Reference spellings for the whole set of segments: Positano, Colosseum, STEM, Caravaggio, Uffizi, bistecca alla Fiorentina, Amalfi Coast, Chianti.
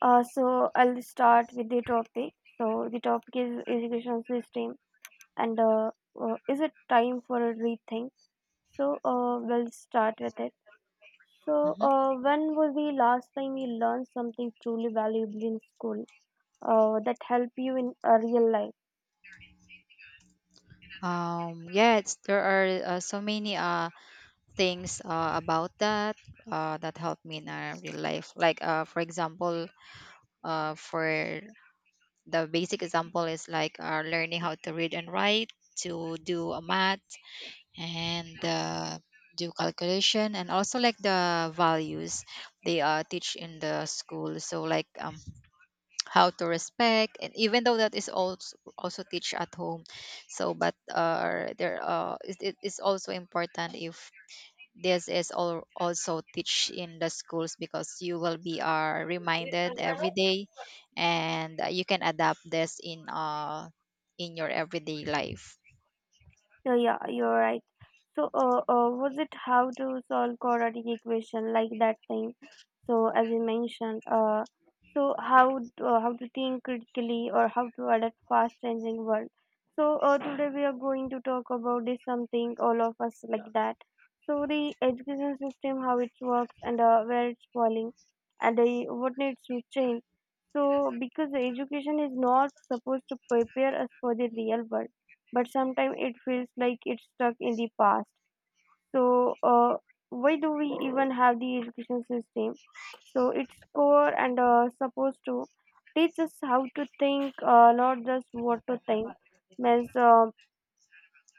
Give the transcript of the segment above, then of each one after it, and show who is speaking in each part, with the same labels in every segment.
Speaker 1: So I'll start with the topic. So the topic is education system, and is it time for a rethink? So we'll start with it. So
Speaker 2: Mhm.
Speaker 1: when was the last time you learned something truly valuable in school that helped you in a real life?
Speaker 2: Yeah, there are so many things about that that help me in real life. Like, for example, for the basic example is like learning how to read and write, to do a math, and do calculation, and also like the values they teach in the school. So, like, how to respect, and even though that is also teach at home, so but there it is also important if this is all also teach in the schools, because you will be are reminded every day, and you can adapt this in your everyday life.
Speaker 1: Yeah, yeah, you're right. So, was it how to solve quadratic equation like that thing? So, as you mentioned, so how to think critically or how to adapt fast changing world. So, today we are going to talk about this something all of us like that. So, the education system, how it works and where it's falling, and what needs to change. So, because the education is not supposed to prepare us for the real world but sometimes it feels like it's stuck in the past. So, why do we even have the education system? So, its core and supposed to teach us how to think, not just what to think. Means,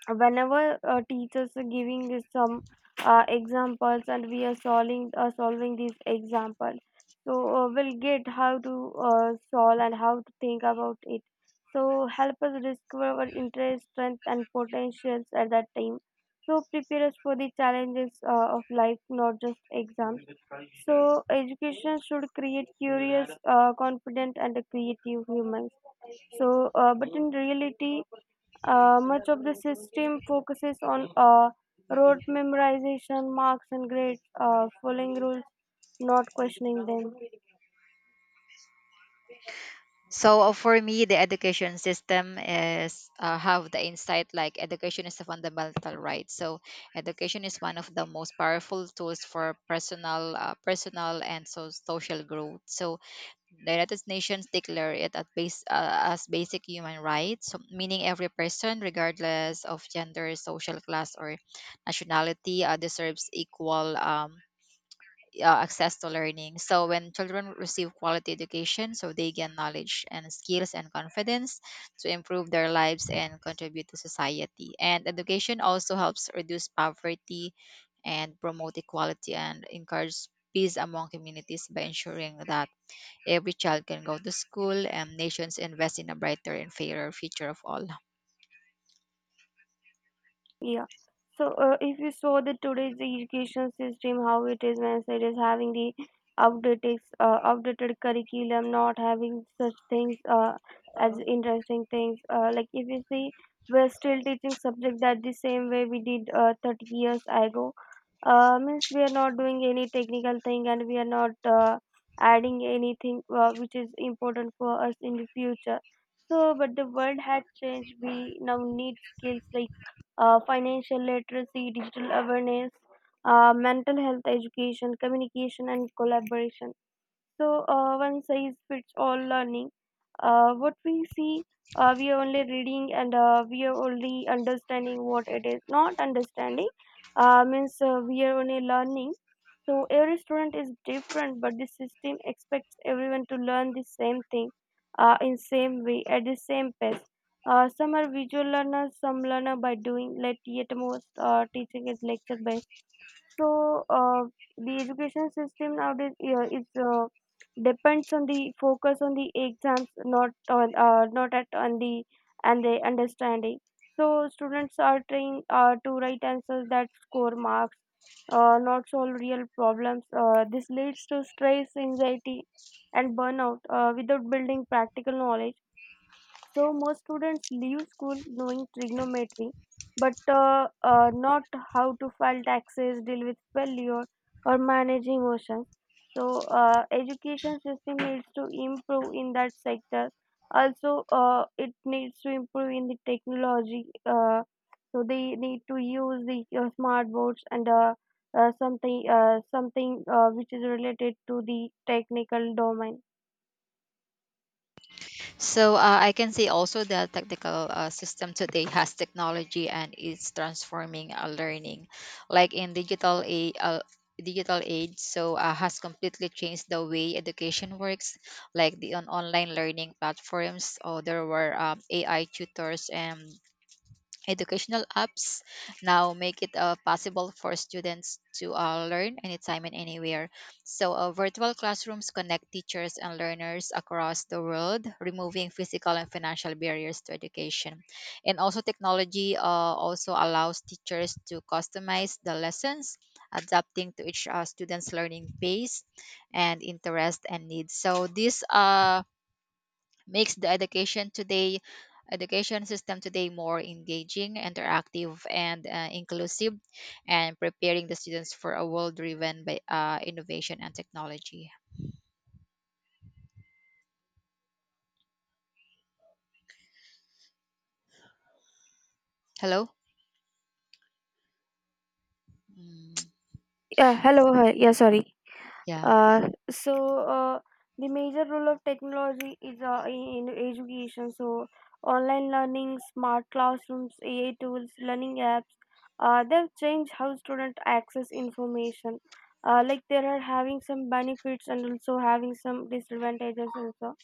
Speaker 1: whenever teachers are giving us some examples and we are solving solving these examples so we'll get how to solve and how to think about it so help us discover our interest strength and potentials at that time so prepare us for the challenges of life not just exams so education should create curious confident and creative humans so, but in reality, much of the system focuses on rote memorization, marks, and grades, following rules, not questioning them.
Speaker 2: So for me, the education system is have the insight, like education is a fundamental right. So education is one of the most powerful tools for personal, personal and so social growth. So the United Nations declare it at base, as basic human rights, so meaning every person, regardless of gender, social class, or nationality, deserves equal. Access to learning. So when children receive quality education, so they gain knowledge and skills and confidence to improve their lives and contribute to society. And education also helps reduce poverty and promote equality and encourage peace among communities by ensuring that every child can go to school and nations invest in a brighter and fairer future of all.
Speaker 1: Yeah. So, if you saw the today's education system, how it is when it is having the outdated curriculum, not having such things as interesting things. Like if you see, we're still teaching subjects that the same way we did 30 years ago. Means we are not doing any technical thing and we are not adding anything which is important for us in the future. So, but the world has changed. We now need skills like financial literacy, digital awareness, mental health education, communication, and collaboration. So, one size fits all learning. What we see, we are only reading and we are only understanding what it is. Not understanding means we are only learning. So, every student is different, but the system expects everyone to learn the same thing in same way at the same pace. Some are visual learners, some learner by doing, let yet most teaching is lecture based so the education system nowadays yeah, is depends on the focus on the exams, not on not at on the and the understanding. So students are trained to write answers that score marks, not solve real problems. This leads to stress, anxiety, and burnout without building practical knowledge so most students leave school knowing trigonometry, but not how to file taxes, deal with failure, or manage emotions. So education system needs to improve in that sector. Also, it needs to improve in the technology. So they need to use the smart boards and something which is related to the technical domain.
Speaker 2: So I can see also the technical system today has technology and it's transforming learning, like in digital age. So has completely changed the way education works, like the on online learning platforms. Or there were AI tutors and educational apps now make it possible for students to learn anytime and anywhere. So, virtual classrooms connect teachers and learners across the world, removing physical and financial barriers to education. And also, technology also allows teachers to customize the lessons, adapting to each student's learning pace and interest and needs. So, these makes the education system today more engaging, interactive, and inclusive, and preparing the students for a world driven by innovation and technology. Hello? Mm,
Speaker 1: Yeah, hello. Hi. Yeah, sorry.
Speaker 2: yeah.
Speaker 1: So uh, the major role of technology is in education. So online learning, smart classrooms, AI tools, learning apps, they've changed how students access information. Like there are having some benefits and also having some disadvantages also.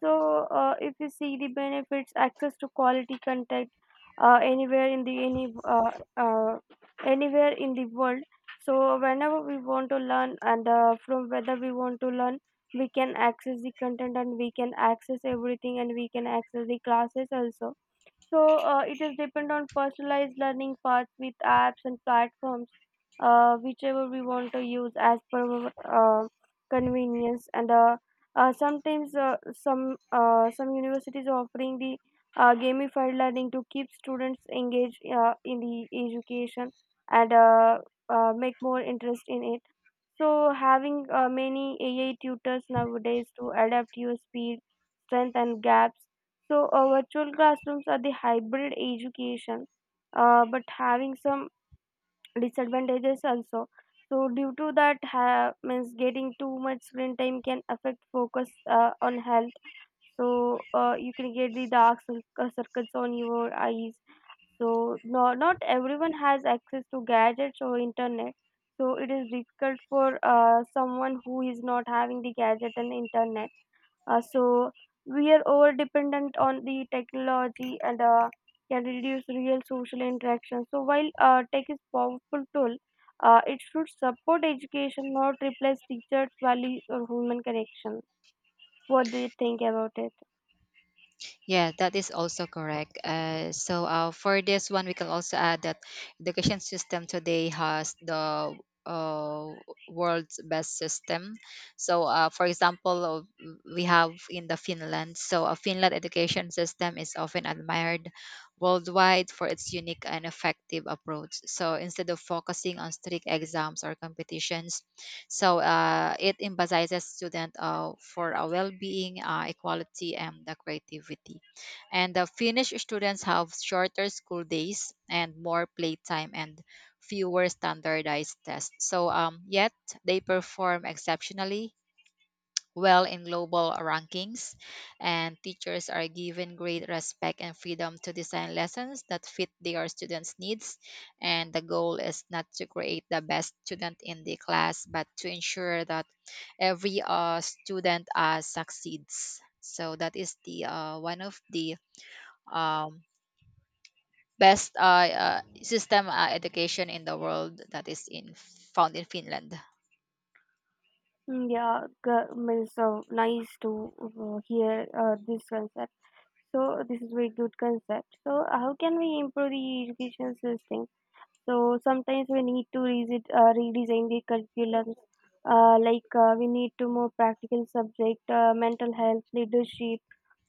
Speaker 1: So, if you see the benefits, access to quality content uh, anywhere in the any uh, uh, anywhere in the world. So, whenever we want to learn and from whether we want to learn, we can access the content and we can access everything and we can access the classes also. So it is depend on personalized learning paths with apps and platforms, whichever we want to use as per our, uh, convenience. And sometimes some universities are offering the gamified learning to keep students engaged in the education and make more interest in it. So having many AI tutors nowadays to adapt your speed, strength, and gaps so, virtual classrooms are the hybrid education, but having some disadvantages also. So, due to that, means getting too much screen time can affect focus on health. So, you can get the dark circles on your eyes. So, no, not everyone has access to gadgets or internet. So, it is difficult for someone who is not having the gadget and internet so we are over dependent on the technology and can reduce real social interaction. So while tech is powerful tool, it should support education, not replace teachers, values, or human connection. What do you think about it?
Speaker 2: Yeah, that is also correct. For this one, we can also add that education system today has the uh, world's best system. So, for example, we have in the Finland. So, a Finland education system is often admired worldwide for its unique and effective approach. So, instead of focusing on strict exams or competitions, so it emphasizes student for a well-being, equality, and the creativity. And the Finnish students have shorter school days and more playtime and fewer standardized tests. So yet they perform exceptionally well in global rankings, and teachers are given great respect and freedom to design lessons that fit their students' needs. And the goal is not to create the best student in the class, but to ensure that every student succeeds. So that is the one of the um, best system education in the world, that is in found in Finland.
Speaker 1: Mm. Yeah, means so nice to hear this concept. So this is very good concept. So how can we improve the education system? So sometimes we need to revisit, redesign the curriculums. Like we need to more practical subject, mental health, leadership,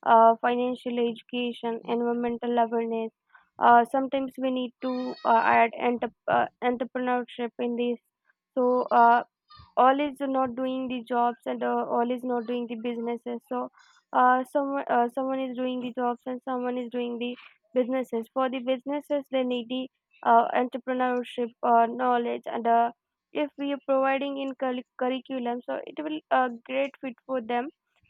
Speaker 1: financial education, environmental awareness. Sometimes we need to add entrepreneurship in this. So all is not doing the jobs and all is not doing the businesses. So someone is doing the jobs and someone is doing the businesses. For the businesses, they need the entrepreneurship knowledge and if we are providing in curriculum so it will great fit for them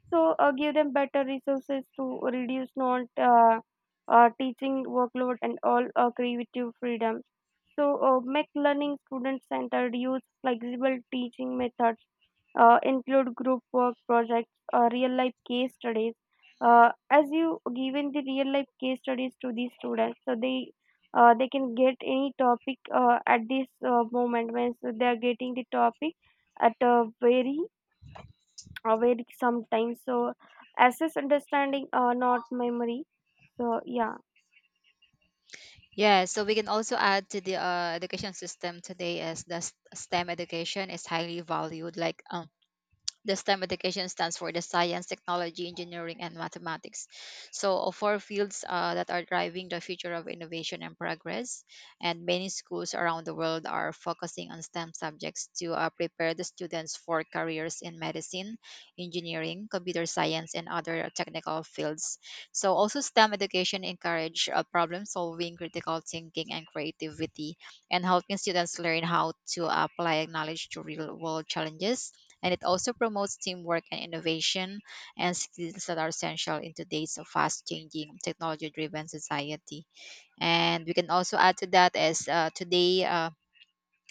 Speaker 1: so give them better resources to reduce non teaching workload and all creative freedom so, make learning student centered, use flexible teaching methods, include group work projects, real life case studies. As you given the real life case studies to the students, so they can get any topic at this moment when so they are getting the topic at a very sometime. So, assess understanding, not memory. So, yeah.
Speaker 2: Yeah, so we can also add to the education system today is the STEM education is highly valued. Like the STEM education stands for the science, technology, engineering, and mathematics. So, four fields that are driving the future of innovation and progress. And many schools around the world are focusing on STEM subjects to prepare the students for careers in medicine, engineering, computer science, and other technical fields. So, also STEM education encourage problem solving, critical thinking, and creativity, and helping students learn how to apply knowledge to real world challenges, and it also promotes teamwork and innovation and skills that are essential in today's fast changing, technology driven society. And we can also add to that as today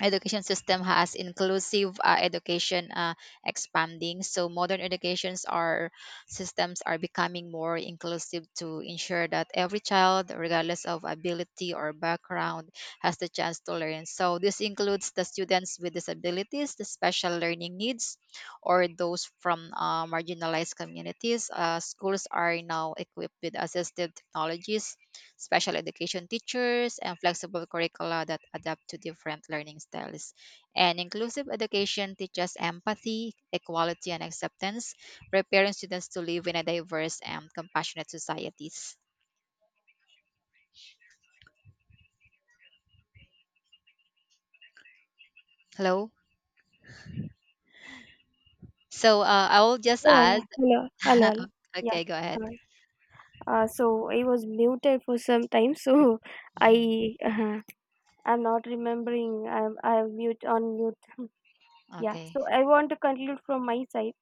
Speaker 2: education system has inclusive education expanding, so modern educations are systems are becoming more inclusive to ensure that every child, regardless of ability or background, has the chance to learn. So this includes the students with disabilities, the special learning needs, or those from marginalized communities. Uh, schools are now equipped with assistive technologies, special education teachers, and flexible curricula that adapt to different learning styles. And inclusive education teaches empathy, equality, and acceptance, preparing students to live in a diverse and compassionate societies. Hello? So I will just
Speaker 1: Yeah, yeah.
Speaker 2: add.
Speaker 1: Hello, hello, hello. Yeah.
Speaker 2: Okay, go ahead.
Speaker 1: So I was muted for some time. So
Speaker 2: Mhm.
Speaker 1: I uh, I'm not remembering. I'm mute on mute. Yeah.
Speaker 2: Okay.
Speaker 1: So I want to conclude from my side.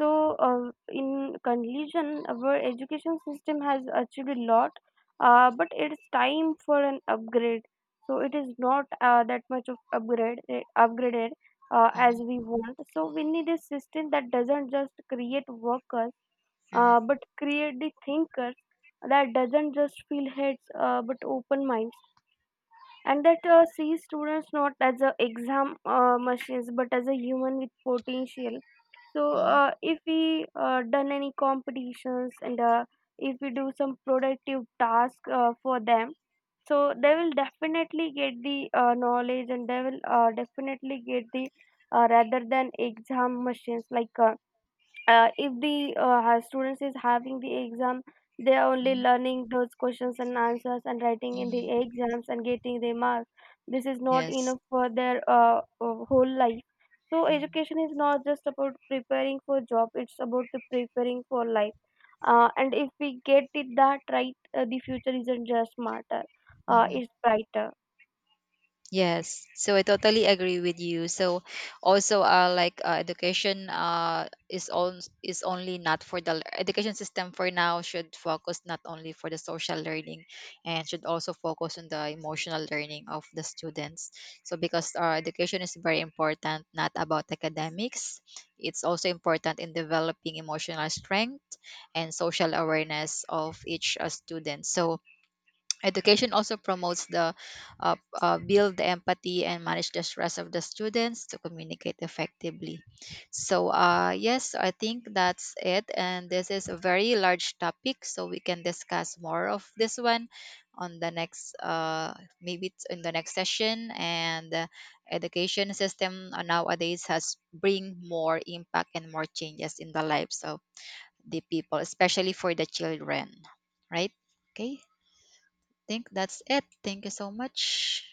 Speaker 1: So in conclusion, our education system has achieved a lot, but it's time for an upgrade. So it is not that much of upgraded as
Speaker 2: Mhm,
Speaker 1: we want. So we need a system that doesn't just create workers
Speaker 2: mhm,
Speaker 1: but create the thinkers that doesn't just feel heads but open minds and that sees students not as a exam machines but as a human with potential so
Speaker 2: mhm,
Speaker 1: if we done any competitions and if we do some productive task for them so they will definitely get the knowledge and they will definitely get the rather than exam machines like if the students is having the exam they are only
Speaker 2: mhm,
Speaker 1: learning those questions and answers and writing in the
Speaker 2: mhm.
Speaker 1: exams and getting the marks this is not
Speaker 2: Yes.
Speaker 1: enough for their whole life so
Speaker 2: Mhm,
Speaker 1: education is not just about preparing for job it's about the preparing for life and if we get it that right the future isn't just smarter
Speaker 2: mhm.
Speaker 1: it's brighter
Speaker 2: Yes, so I totally agree with you. So also education is only not for the education system for now, should focus not only for the social learning and should also focus on the emotional learning of the students. So because our education is very important, not about academics, it's also important in developing emotional strength and social awareness of each student. So education also promotes the build the empathy and manage the stress of the students to communicate effectively. So yes, I think that's it, and this is a very large topic, so we can discuss more of this one on the next maybe it's in the next session. And education system nowadays has bring more impact and more changes in the lives of the people, especially for the children, right? Okay, think that's it. Thank you so much.